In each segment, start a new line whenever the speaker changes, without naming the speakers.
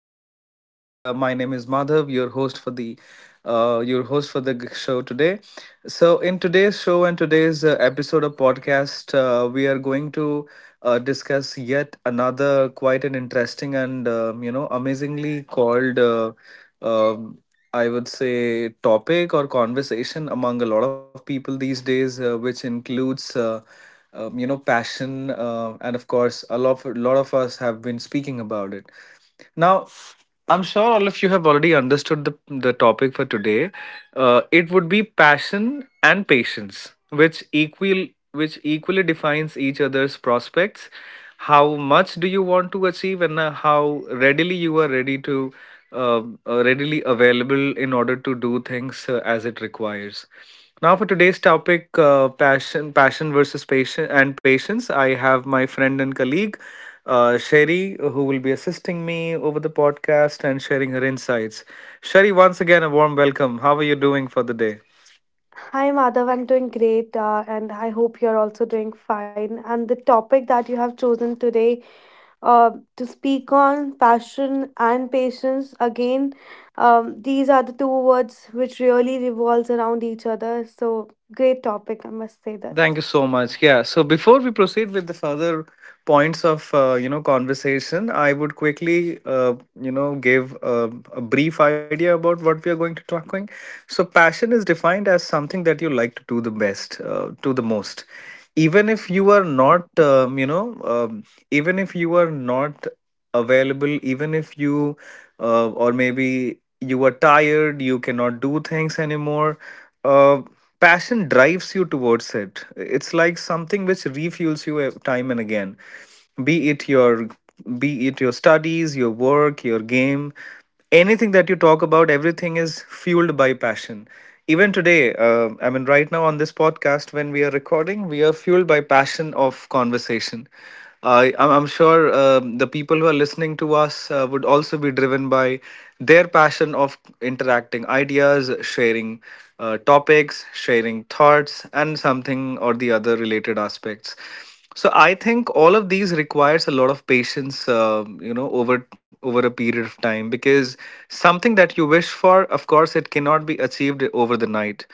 another podcast. My name is Madhav, your host for the show today. So in today's show and today's episode of podcast, we are going to discuss yet another quite an interesting and amazingly called um, I would say topic or conversation among a lot of people these days, which includes passion and of course a lot of, us have been speaking about it. Now, I'm sure all of you have already understood the topic for today. It would be passion and patience, which equal which equally defines each other's prospects. How much do you want to achieve, and how readily you are ready to uh, readily available in order to do things as it requires. Now for today's topic, passion versus patient and patience. I have my friend and colleague, Sherry, who will be assisting me over the podcast and sharing her insights. Sherry, once again, a warm welcome. How are you doing for the day?
Hi, Madhav. I'm doing great, and I hope you're also doing fine. And the topic that you have chosen today to speak on passion and patience again, these are the two words which really revolves around each other. So, great topic, I must say
Thank
this.
you so much. Yeah. So before we proceed with the further points of conversation, I would quickly give a brief idea about what we are going to talking. So passion is defined as something that you like to do the best, to the most, even if you are not you know even if you are not available even if you or maybe you are tired, you cannot do things anymore. uh, Passion drives you towards it. It's like something which refuels you time and again, be it your studies, your work, your game. Anything that you talk about, everything is fueled by passion. Even today, I mean right now on this podcast when we are recording, we are fueled by passion of conversation. I'm sure the people who are listening to us would also be driven by their passion of interacting ideas, sharing topics, sharing thoughts and something or the other related aspects. So I think all of these requires a lot of patience, over a period of time, because something that you wish for, of course, it cannot be achieved over the night,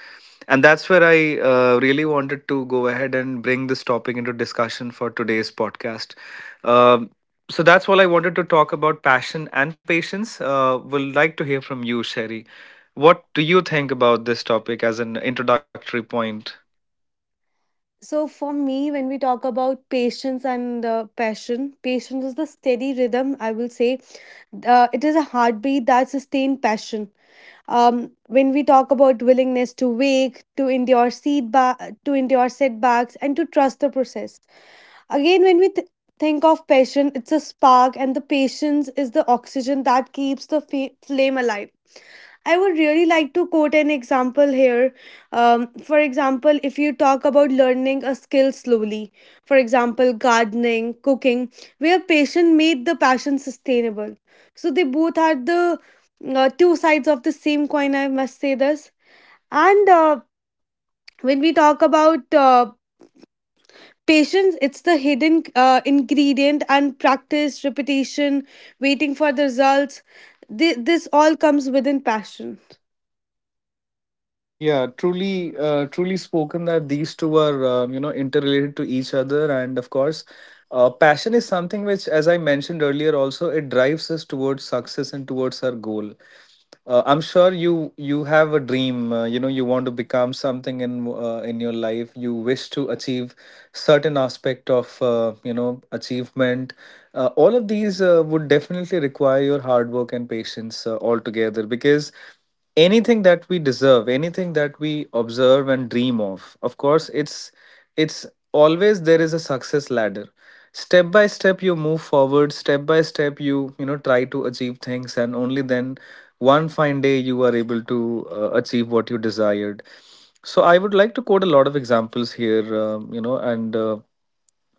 and that's where I really wanted to go ahead and bring this topic into discussion for today's podcast. Um, so that's all I wanted to talk about passion and patience. Would like to hear from you, Sherry. What do you think about this topic as an introductory point?
So, for me, when we talk about patience and passion, patience is the steady rhythm, I will say. It is a heartbeat that sustains passion when we talk about willingness to wake to endure to endure setbacks and to trust the process again when think of passion. It's a spark and the patience is the oxygen that keeps the flame alive. I would really like to quote an example here. For example, if you talk about learning a skill slowly, for example, gardening, cooking, where passion made the passion sustainable. So they both are the two sides of the same coin, I must say this. And when we talk about patience, it's the hidden ingredient and practice, repetition, waiting for the results. This all comes within passion.
Yeah, truly, truly spoken that these two are, interrelated to each other. And of course, passion is something which, as I mentioned earlier, also it drives us towards success and towards our goal. I'm sure you have a dream. You know, you want to become something in your life. You wish to achieve certain aspect of achievement. All of these would definitely require your hard work and patience altogether, because anything that we deserve, anything that we observe and dream of course it's always, there is a success ladder. Step by step you move forward, step by step you, you know, try to achieve things, and only then one fine day you are able to achieve what you desired. So I would like to quote a lot of examples here, you know, and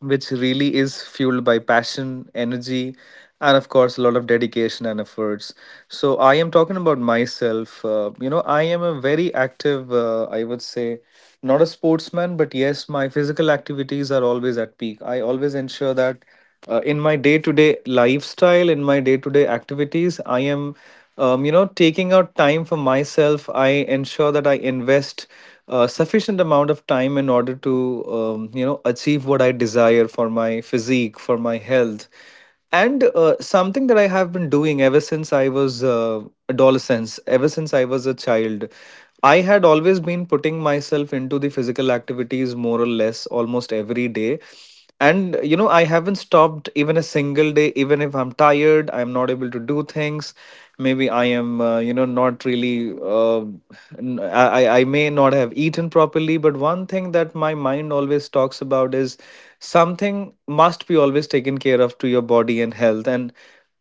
which really is fueled by passion, energy, and of course, a lot of dedication and efforts. So, I am talking about myself. You know, I am a very active, I would say, not a sportsman, but yes, my physical activities are always at peak. I always ensure that in my day to day lifestyle, in my day to day activities, I am, you know, taking out time for myself. I ensure that I invest a sufficient amount of time in order to, you know, achieve what I desire for my physique, for my health. And something that I have been doing ever since I was adolescence, ever since I was a child, I had always been putting myself into the physical activities more or less almost every day. And you know, I haven't stopped even a single day. Even if I'm tired, I'm not able to do things, maybe I am you know, not really I may not have eaten properly, but one thing that my mind always talks about is something must be always taken care of to your body and health. And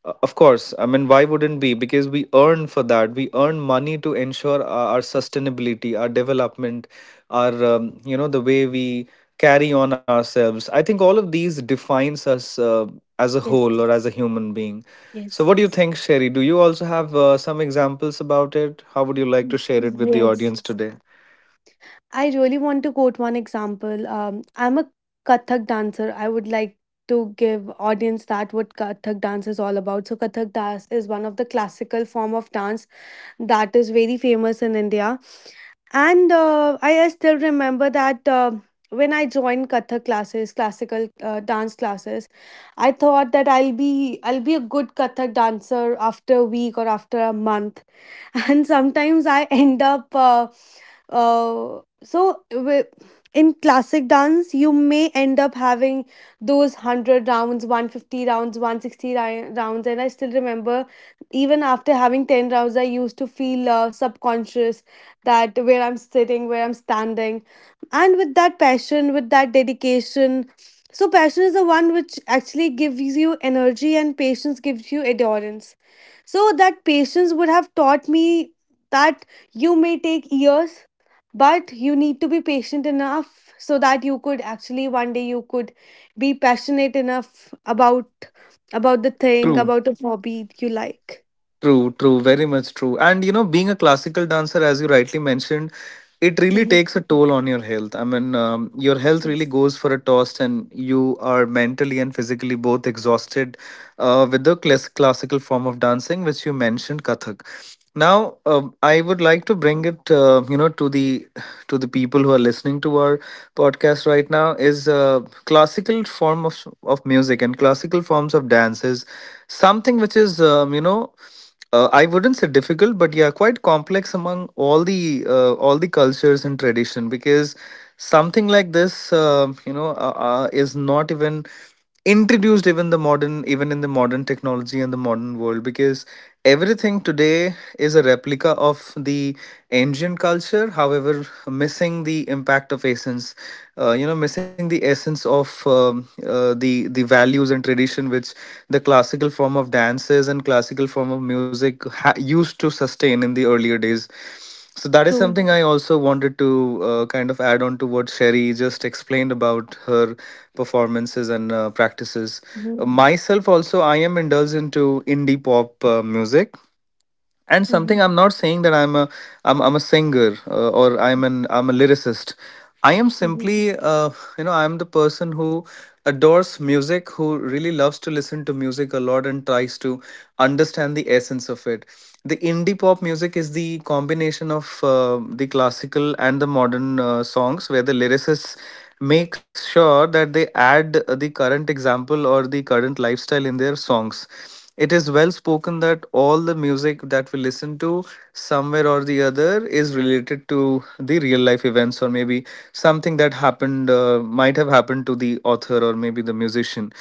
of course, I mean, why wouldn't be? Because we earn for that. We earn money to ensure our sustainability, our development, our you know, the way we carry on ourselves. I think all of these defines us as a
Yes.
whole or as a human being. So what
Yes.
do you think, Sherry? Do you also have some examples about it? How would you like to share it with the
Yes.
audience today?
I really want to quote one example. I'm a Kathak dancer. I would like to give audience that what Kathak dance is all about. So Kathak dance is one of the classical form of dance that is very famous in India. And I still remember that when I joined Kathak classes, classical dance classes, I thought that I'll be a good Kathak dancer after a week or after a month, and sometimes I end up. Uh, so wi- in classic dance, you may end up having those 100 rounds, 150 rounds, 160 rounds, and I still remember even after having 10 rounds I used to feel subconscious that where I'm sitting, where I'm standing, and with that passion, with that dedication. So passion is the one which actually gives you energy and patience gives you endurance. So that patience would have taught me that you may take years, but you need to be patient enough so that you could actually one day you could be passionate enough about the thing,
True.
about a hobby you like.
True, true, very much true. And you know, being a classical dancer, as you rightly mentioned, it really
Hmm.
takes a toll on your health. I mean, your health really
Yes.
goes for a toss, and you are mentally and physically both exhausted with the classical form of dancing, which you mentioned, Kathak. Now, I would like to bring it, you know, to the people who are listening to our podcast right now, is a classical form of music, and classical forms of dance is something which is I wouldn't say difficult, but yeah, quite complex among all the cultures and tradition, because something like this, is not even introduced even the modern even in the modern technology and the modern world, because everything today is a replica of the ancient culture, however missing the impact of essence, you know, missing the essence of the values and tradition which the classical form of dances and classical form of music used to sustain in the earlier days. So that is
True.
something I also wanted to kind of add on to what Sherry just explained about her performances and practices.
Hmm.
Myself also, I am indulged into indie pop music, and something, I'm not saying that I'm a singer or I'm a lyricist. I am simply
Hmm.
you know, I'm the person who adores music, who really loves to listen to music a lot and tries to understand the essence of it. The indie pop music is the combination of the classical and the modern songs, where the lyricists make sure that they add the current example or the current lifestyle in their songs. It is well spoken that all the music that we listen to, somewhere or the other, is related to the real life events, or maybe something that happened, might have happened to the author or maybe the musician.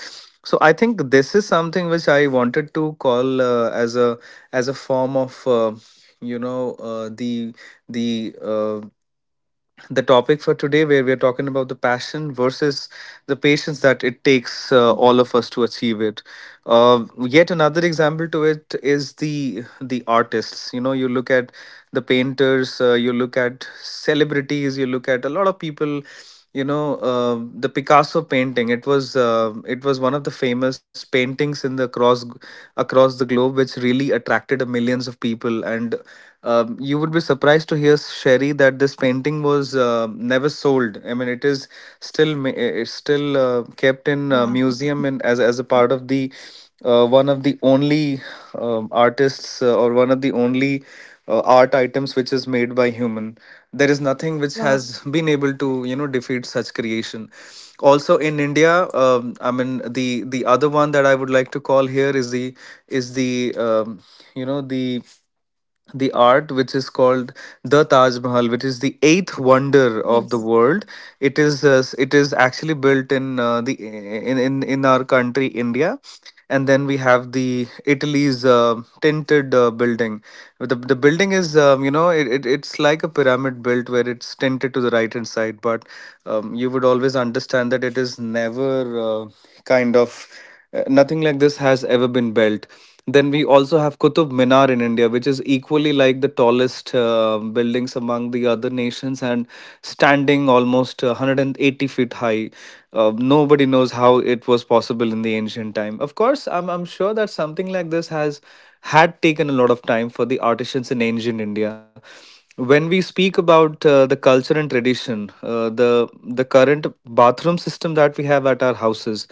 So I think this is something which I wanted to call as a form of you know uh, the the uh, the topic for today, where we're talking about the passion versus the patience that it takes all of us to achieve it. Yet another example to it is the artists. You know, you look at the painters, you look at celebrities, you look at a lot of people. You know, the Picasso painting, it was one of the famous paintings in the across across the globe, which really attracted millions of people. And you would be surprised to hear, Sherry, that this painting was never sold. I mean, it is still it's still kept in a
Wow,
museum, and as a part of the one of the only artists, or one of the only art items which is made by human. There is nothing which
wow,
has been able to, you know, defeat such creation. Also in India, I mean, the other one that I would like to call here is the you know the the art which is called the Taj Mahal, which is the eighth wonder of the
yes,
world. It is actually built in the in our country India, and then we have the Italy's tinted building. The building is, it's like a pyramid built where it's tinted to the right hand side, but you would always understand that it is never, kind of, nothing like this has ever been built. Then we also have Qutub Minar in India, which is equally like the tallest buildings among the other nations and standing almost 180 feet high. Nobody knows how it was possible in the ancient time. Of course, I'm sure that something like this has had taken a lot of time for the artisans in ancient India when we speak about the culture and tradition. The current bathroom system that we have at our houses,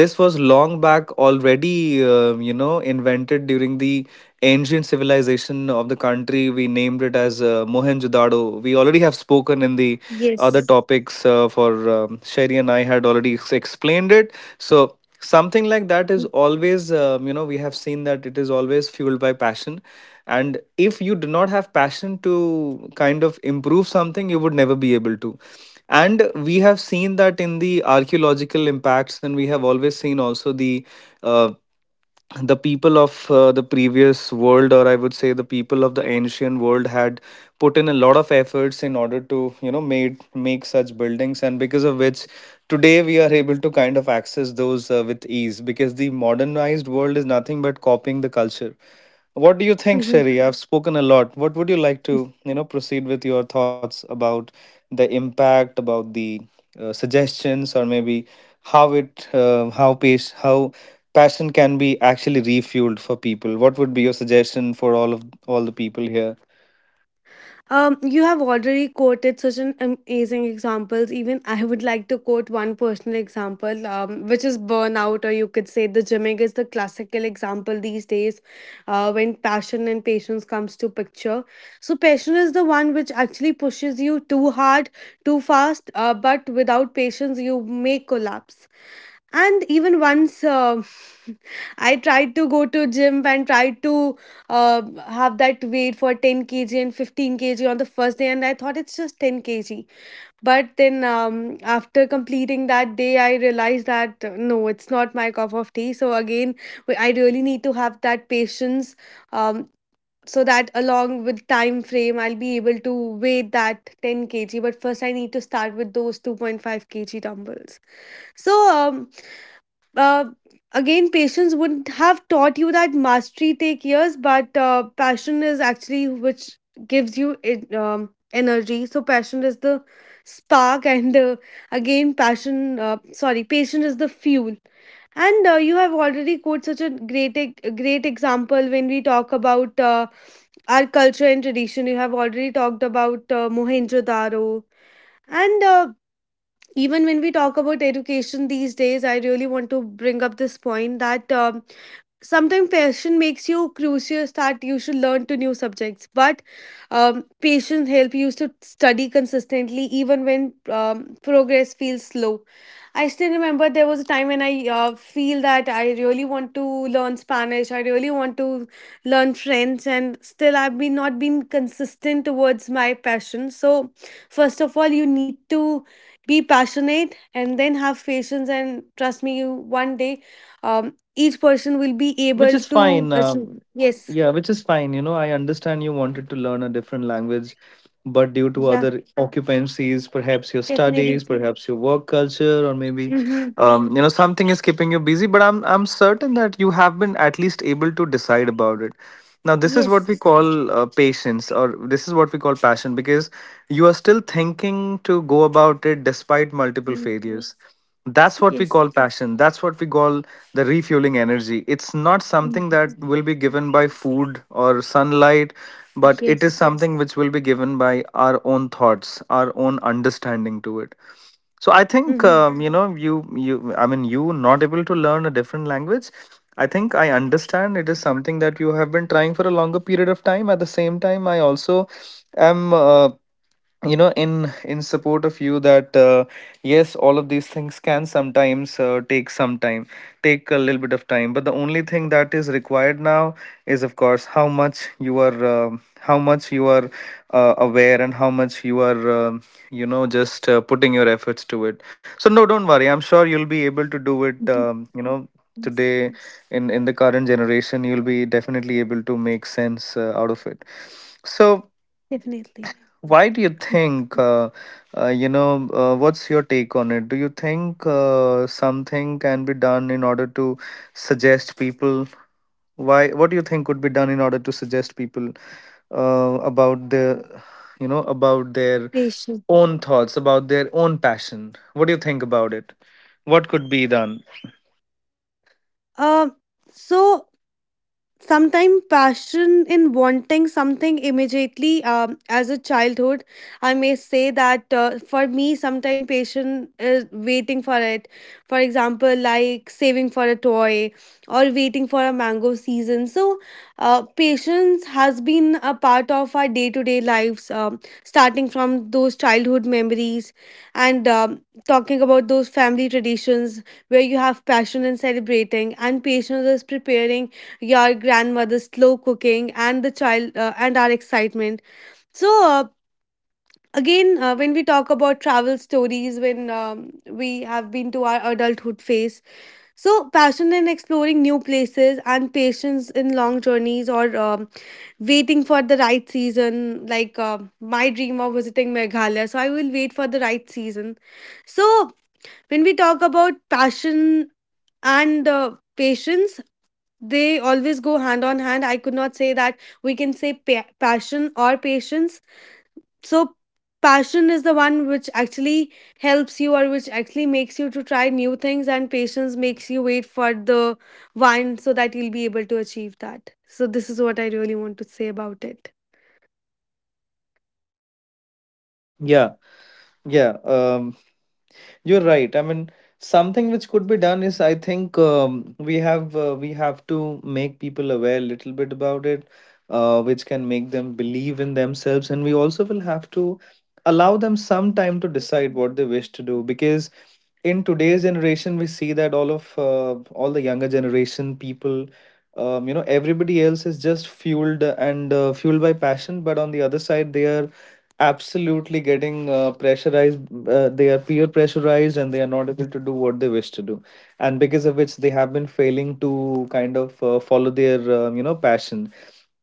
this was long back already invented during the ancient civilization of the country. We named it as Mohenjo-daro. We already have spoken in the other
yes.
topics for, Sherry and I had already explained it. So something like that is always, we have seen that it is always fueled by passion. And if you do not have passion to kind of improve something, you would never be able to. And we have seen that in the archaeological impacts, and we have always seen also the uh, the people of the previous world, or I would say the people of the ancient world had put in a lot of efforts in order to, made make such buildings, and because of which today we are able to kind of access those with ease, because the modernized world is nothing but copying the culture. What do you think, Sherry? I've spoken a lot. What would you like to, proceed with your thoughts about the impact, about the suggestions, or maybe how it, how pace, how passion can be actually refueled for people. What would be your suggestion for all the people here?
You have already quoted such an amazing examples. Even I would like to quote one personal example, which is burnout, or you could say the gymming is the classical example these days, when passion and patience comes to picture. So passion is the one which actually pushes you too hard, too fast, but without patience you may collapse. And even once I tried to go to gym and tried to uh, have that weight for 10 kg and 15 kg on the first day and I thought it's just 10 kg. But then after completing that day I realized that no, it's not my cup of tea. So again I really need to have that patience. um, so that along with time frame I'll be able to weigh that 10 kg, but first I need to start with those 2.5 kg dumbbells. So uh, again patience would have taught you that mastery take years, but passion is actually which gives you it, energy. So passion is the spark, and again passion sorry patience is the fuel. And you have already quoted such a great a great example when we talk about our culture and tradition. You have already talked about Mohenjo Daro. And even when we talk about education these days, I really want to bring up this point that sometimes passion makes you curious that you should learn to new subjects, but patience help you to study consistently even when progress feels slow. I still remember there was a time when I feel that I really want to learn Spanish, I really want to learn French, and still I've been not been consistent towards my passion. So first of all, you need to be passionate and then have patience, and trust me, you one day um, each person will be
Which
able
is
to
fine.
achieve. Yes.
Yeah, which is fine. You know, I understand you wanted to learn a different language, but due to
Yeah,
other occupancies, perhaps your
definitely.
studies, perhaps your work culture, or maybe,
Mm-hmm.
something is keeping you busy. But I'm certain that you have been at least able to decide about it. Now, this is what
Yes.
we call patience, or this is what we call passion, because you are still thinking to go about it despite multiple
Mm,
failures. That's what we
yes.
call passion. That's what we call the refueling energy. It's not
Mm,
something that will be given by food or sunlight, but it is
yes.
something which will be given by our own thoughts, our own understanding to it. So I think,
Mm-hmm.
you, I mean, you not able to learn a different language. I think I understand it is something that you have been trying for a longer period of time. At the same time, I also am. In support of you that, yes, all of these things can sometimes take some time take a little bit of time, but the only thing that is required now is, of course, how much you are aware, and how much you are, you know just putting your efforts to it. So, no, don't worry, I'm sure you'll be able to do it.
Yes.
Today, in the current generation, you'll be definitely able to make sense out of it. So
Definitely.
why do you think, what's your take on it? Do you think something can be done in order to suggest people? Why, what do you think could be done in order to suggest people about the, about their
Patient.
own thoughts, about their own passion? What do you think about it? What could be done?
Um. So sometimes passion in wanting something immediately, as a childhood I may say that for me sometimes passion is waiting for it, for example like saving for a toy or waiting for a mango season. So patience has been a part of our day-to-day lives, starting from those childhood memories. And talking about those family traditions, where you have passion in celebrating and patience is preparing your grandmother's slow cooking and the child and our excitement. So again, when we talk about travel stories, when we have been to our adulthood phase. So passion in exploring new places and patience in long journeys, or waiting for the right season, like my dream of visiting Meghalaya. So I will wait for the right season. So when we talk about passion and patience, they always go hand on hand. I could not say that we can say passion or patience. So passion is the one which actually helps you, or which actually makes you to try new things, and patience makes you wait for the one so that you'll be able to achieve that. So this is what I really want to say about it.
Yeah, yeah. You're right. I mean, something which could be done is, I think, we have to make people aware a little bit about it, which can make them believe in themselves, and we also will have to allow them some time to decide what they wish to do, because in today's generation we see that all the younger generation people, everybody else is just fueled by passion, but on the other side they are absolutely getting pressurized. They are peer pressurized and they are not able to do what they wish to do, and because of which they have been failing to kind of follow their, passion.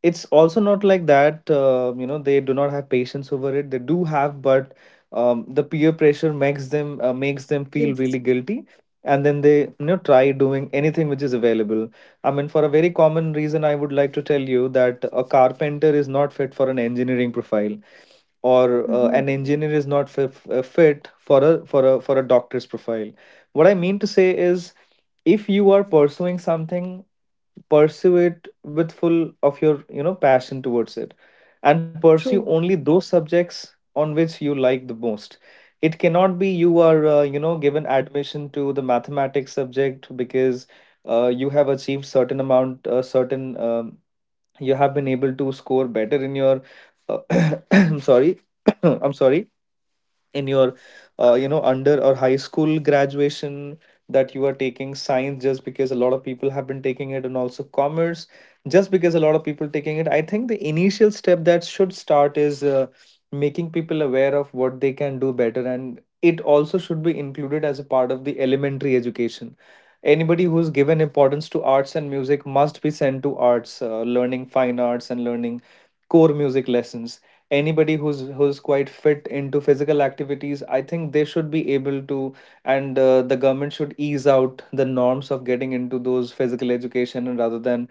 It's also not like that, they do not have patience over it. They do have, but the peer pressure makes them feel really
Yes.
guilty, and then they, try doing anything which is available. I mean, for a very common reason, I would like to tell you that a carpenter is not fit for an engineering profile, or
Hmm.
an engineer is not fit for a doctor's profile. What I mean to say is, if you are pursuing something, pursue it with full of your, passion towards it, and pursue
True.
only those subjects on which you like the most. It cannot be you are, given admission to the mathematics subject because you have achieved certain amount, certain, you have been able to score better in your uh, I'm sorry. I'm sorry. In your under or high school graduation, that you are taking science just because a lot of people have been taking it, and also commerce just because a lot of people taking it. I think the initial step that should start is making people aware of what they can do better, and it also should be included as a part of the elementary education. Anybody who's given importance to arts and music must be sent to arts, learning fine arts and learning core music lessons. Anybody who's quite fit into physical activities, I think they should be able to, and the government should ease out the norms of getting into those physical education, and rather than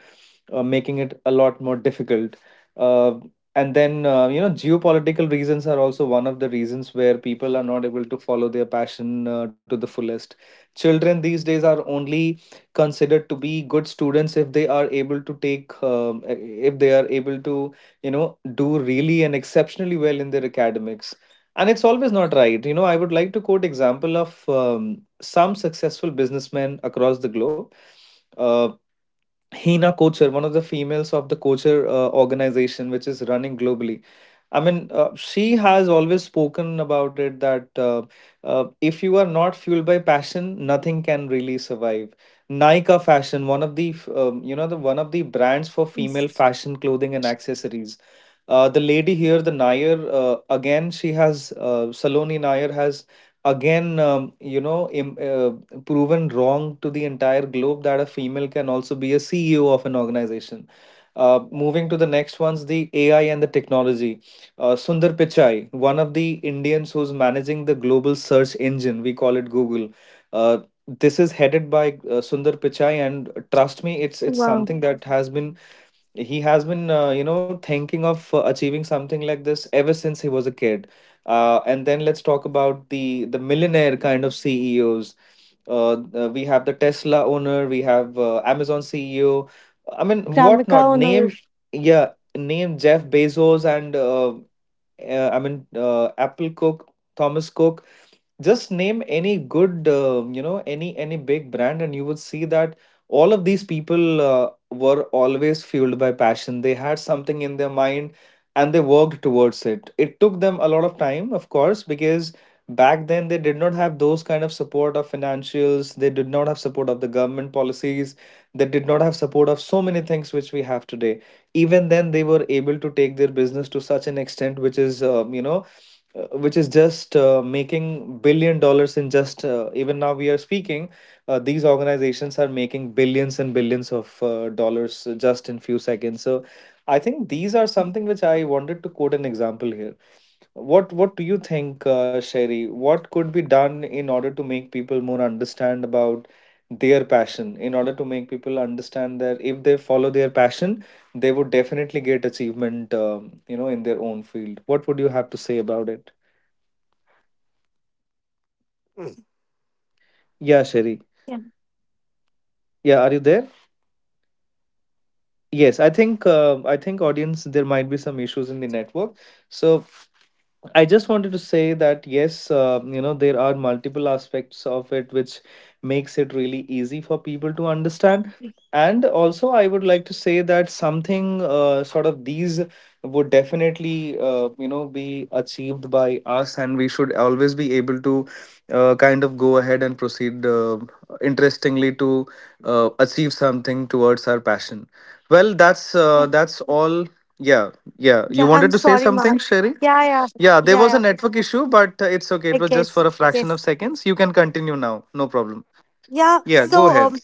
making it a lot more difficult. uh, and then, geopolitical reasons are also one of the reasons where people are not able to follow their passion to the fullest. Children these days are only considered to be good students if they are able to take, if they are able to, you know do really and exceptionally well in their academics. And it's always not right, you know. I would like to quote example of, some successful businessmen across the globe. uh, Hina Kocher, one of the females of the Kocher organization which is running globally. I mean, she has always spoken about it that if you are not fueled by passion, nothing can really survive. Nika Fashion, one of the f- you know the one of the brands for female fashion clothing and accessories. The lady here, the Nair, again she has, Saloni Nair has again, proven wrong to the entire globe that a female can also be a CEO of an organization. Moving to the next ones, the AI and the technology. Sundar Pichai, one of the Indians who's managing the global search engine, we call it Google. Uh, this is headed by Sundar Pichai, and trust me, it's
Wow.
something that has been, he has been, thinking of achieving something like this ever since he was a kid. And then let's talk about the millionaire kind of CEOs. We have the Tesla owner, we have Amazon CEO. I mean,
Kramika
whatnot.
on our.
Name, yeah, name Jeff Bezos and I mean, Apple Cook, Thomas Cook, just name any good any big brand, and you would see that all of these people were always fueled by passion. They had something in their mind and they worked towards it. It took them a lot of time, of course, because back then they did not have those kind of support of financials, they did not have support of the government policies, they did not have support of so many things which we have today. Even then, they were able to take their business to such an extent which is which is just making billion dollars in just even now we are speaking, these organizations are making billions and billions of dollars just in few seconds. So I think these are
True.
something which I wanted to quote an example here. What do you think, Sherry, what could be done in order to make people more understand about their passion, in order to make people understand that if they follow their passion they would definitely get achievement in their own field? What would you have to say about it? Yeah, Sherry.
Yeah.
Yeah, are you there? Yes, I think audience, there might be some issues in the network. So I just wanted to say that yes, there are multiple aspects of it which makes it really easy for people to understand. And also, I would like to say that something sort of these would definitely be achieved by us, and we should always be able to kind of go ahead and proceed interestingly to achieve something towards our passion. Well,
Yeah.
that's all. Yeah, yeah. You
Yeah.
wanted to say
Wow.
something, Sherry?
Yeah. Yeah.
Yeah, there
Yeah.
was a
Yeah.
network issue, but it's okay. It
I
was just
guess.
for a fraction
Yes.
of seconds. You can continue now. No problem.
Yeah,
Yeah,
so
go ahead.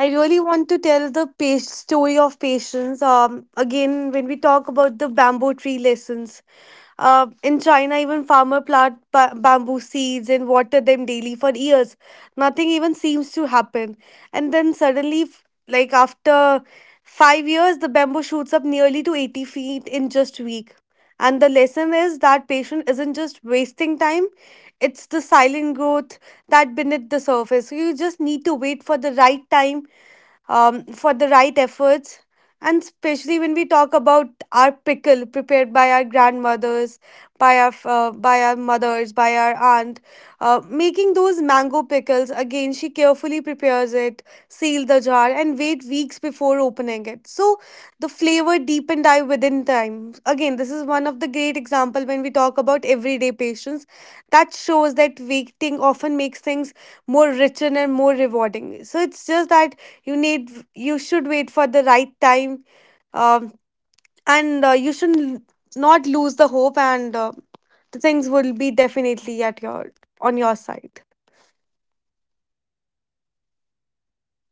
I really want to tell the story of patience. Again, when we talk about the bamboo tree lessons, in China, even farmer plant bamboo seeds and water them daily for years. Nothing even seems to happen, and then suddenly, like after 5 years, the bamboo shoots up nearly to 80 feet in just a week. And the lesson is that patient isn't just wasting time; it's the silent growth that beneath the surface. So you just need to wait for the right time, for the right efforts. And especially when we talk about our pickle prepared by our grandmothers, by our mothers, by our aunt, making those mango pickles. Again, she carefully prepares it, seal the jar, and wait weeks before opening it. So the flavor deepened I within time. Again, this is one of the great example when we talk about everyday patience. That shows that waiting often makes things more richer and more rewarding. So it's just that you should wait for the right time, um, and you should not lose the hope, and the things will be definitely at your on your side.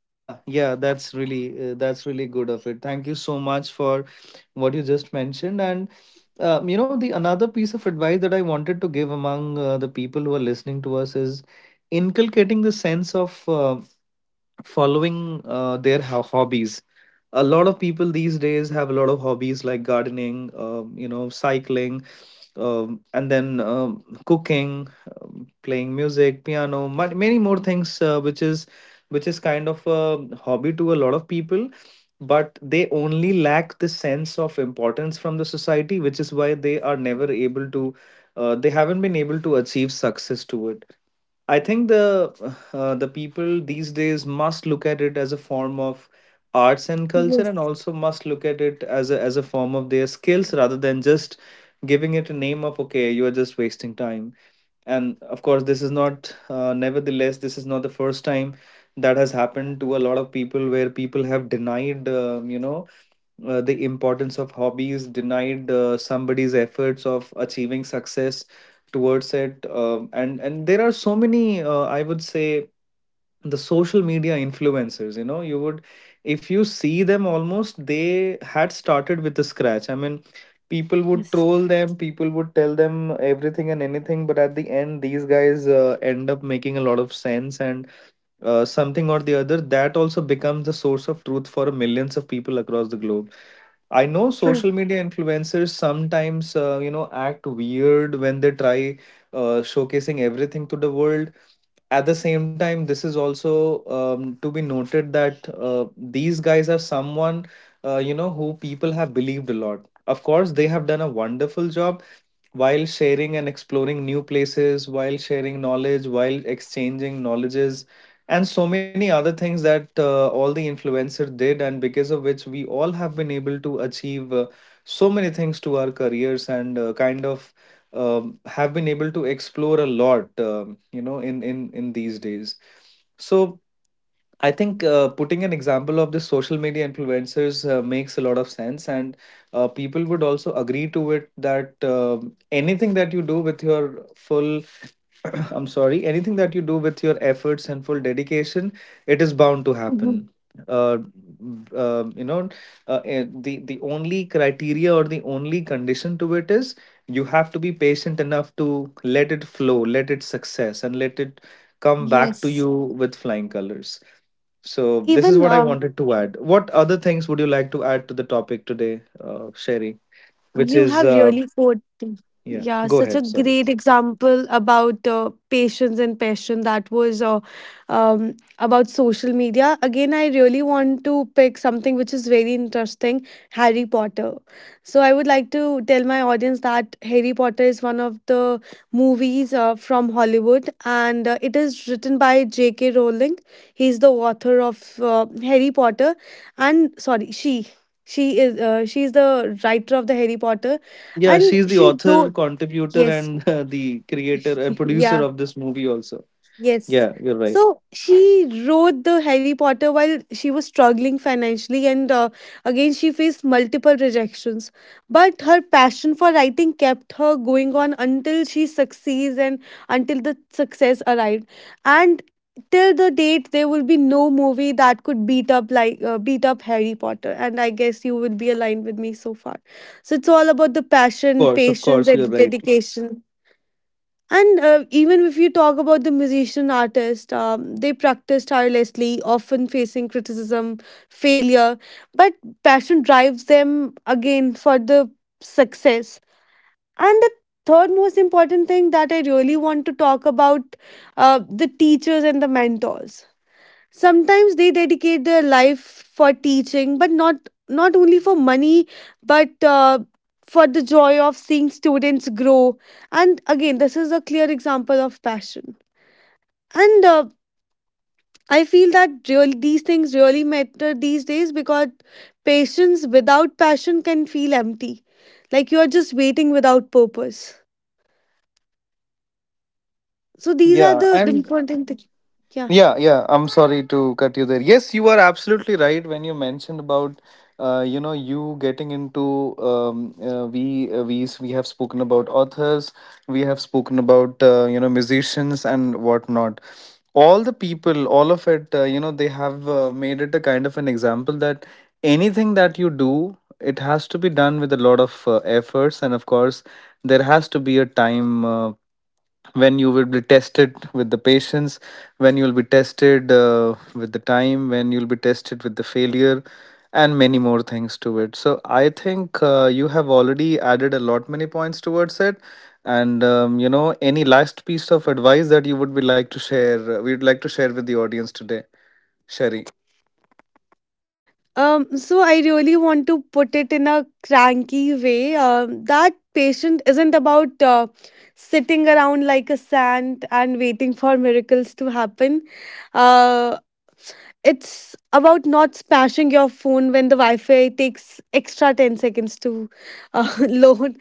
Yeah, yeah, that's really good of it. Thank you so much for what you just mentioned. And the another piece of advice that I wanted to give among the people who are listening to us is inculcating the sense of following their hobbies. A lot of people these days have a lot of hobbies like gardening, cycling, and then cooking, playing music, piano, many more things, which is kind of a hobby to a lot of people, but they only lack the sense of importance from the society, which is why they are never able to they haven't been able to achieve success to it. I think the people these days must look at it as a form of arts and culture, and
Yes.
also must look at it as a form of their skills, rather than just giving it a name of okay, you are just wasting time. And of course, this is not nevertheless, this is not the first time that has happened to a lot of people where people have denied, the importance of hobbies, denied somebody's efforts of achieving success towards it. And there are so many, I would say, the social media influencers, you know, you would, if you see them, almost they had started with the scratch. I mean, people would
Yes.
troll them, people would tell them everything and anything, but at the end, these guys end up making a lot of sense, and something or the other, that also becomes the source of truth for millions of people across the globe. I know
True.
social media influencers sometimes, act weird when they try showcasing everything to the world. At the same time, this is also to be noted that these guys are someone who people have believed a lot. Of course, they have done a wonderful job while sharing and exploring new places, while sharing knowledge, while exchanging knowledges, and so many other things that all the influencer did, and because of which we all have been able to achieve so many things to our careers, and kind of have been able to explore a lot, in these days. So I think putting an example of the social media influencers makes a lot of sense, and people would also agree to it that um, anything that you do with your full I'm sorry, anything that you do with your efforts and full dedication, it is bound to happen.
Mhm.
Uh, uh, you know, the only criteria or the only condition to it is you have to be patient enough to let it flow, let it success, and let it come back to you
Yes.
with flying colors. So this is
Even
what I wanted to add. What other things would you like to add to the topic today, Sherry? Which
you
is
have really quoted,
yeah,
yeah,
go
such a
ahead. Sorry.
great example about patience and passion, that was about social media. Again, I really want to pick something which is very interesting. Harry Potter. So, I would like to tell my audience that Harry Potter is one of the movies from Hollywood, and it is written by J.K. Rowling. He's the author of Harry Potter, and sorry, she. She is the writer of the Harry Potter,
Yeah,
and
she's the
she
author,
wrote.
contributor,
Yes.
and the creator and producer
Yeah.
of this movie also.
Yes.
Yeah, you're right.
So she wrote the Harry Potter while she was struggling financially, and again, she faced multiple rejections. But her passion for writing kept her going on until she succeeds and until the success arrived. And till the date, there will be no movie that could beat up Harry Potter. And I guess you will be aligned with me so far. So it's all about the passion,
Of
patience,
course,
and
you're
the
right.
dedication. And even if you talk about the musician artist, they practice tirelessly, often facing criticism, failure, but passion drives them again for the success. And the third most important thing that I really want to talk about, the teachers and the mentors, sometimes they dedicate their life for teaching, but not only for money, but for the joy of seeing students grow. And again, this is a clear example of passion. And I feel that really these things really matter these days, because patience without passion can feel empty, like you are just waiting without purpose. So these are
Yeah,
the
and
important things.
yeah, yeah. I'm sorry to cut you there. Yes, you are absolutely right when you mentioned about, you getting into we we have spoken about authors, we have spoken about musicians and whatnot. All the people, all of it, they have made it a kind of an example that anything that you do, it has to be done with a lot of efforts, and of course, there has to be a time when you will be tested with the patience, when you will be tested with the time, when you will be tested with the failure, and many more things to it. So I think you have already added a lot many points towards it. And any last piece of advice that you would be like to share, we would like to share with the audience today, Sherry?
So I really want to put it in a cranky way. That patient isn't about sitting around like a saint and waiting for miracles to happen. Uh, it's about not smashing your phone when the Wi-Fi takes extra 10 seconds to load.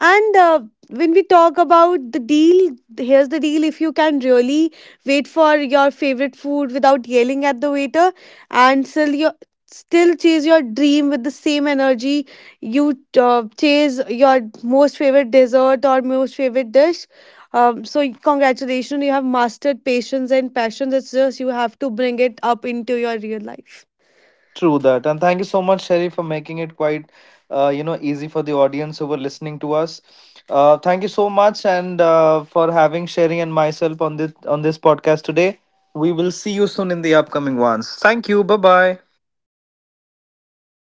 And when we talk about the deal, here's the deal. If you can really wait for your favorite food without yelling at the waiter and still chase your dream with the same energy you chase your most favorite dessert or most favorite dish. So, congratulations, you have mastered patience and passion. It's just you have to bring it up into your real life.
True that, and thank you so much, Sherry, for making it quite easy for the audience who were listening to us. Thank you so much, and for having Sherry and myself on this podcast today. We will see you soon in the upcoming ones. Thank you. Bye bye.
Thank you. Bye bye.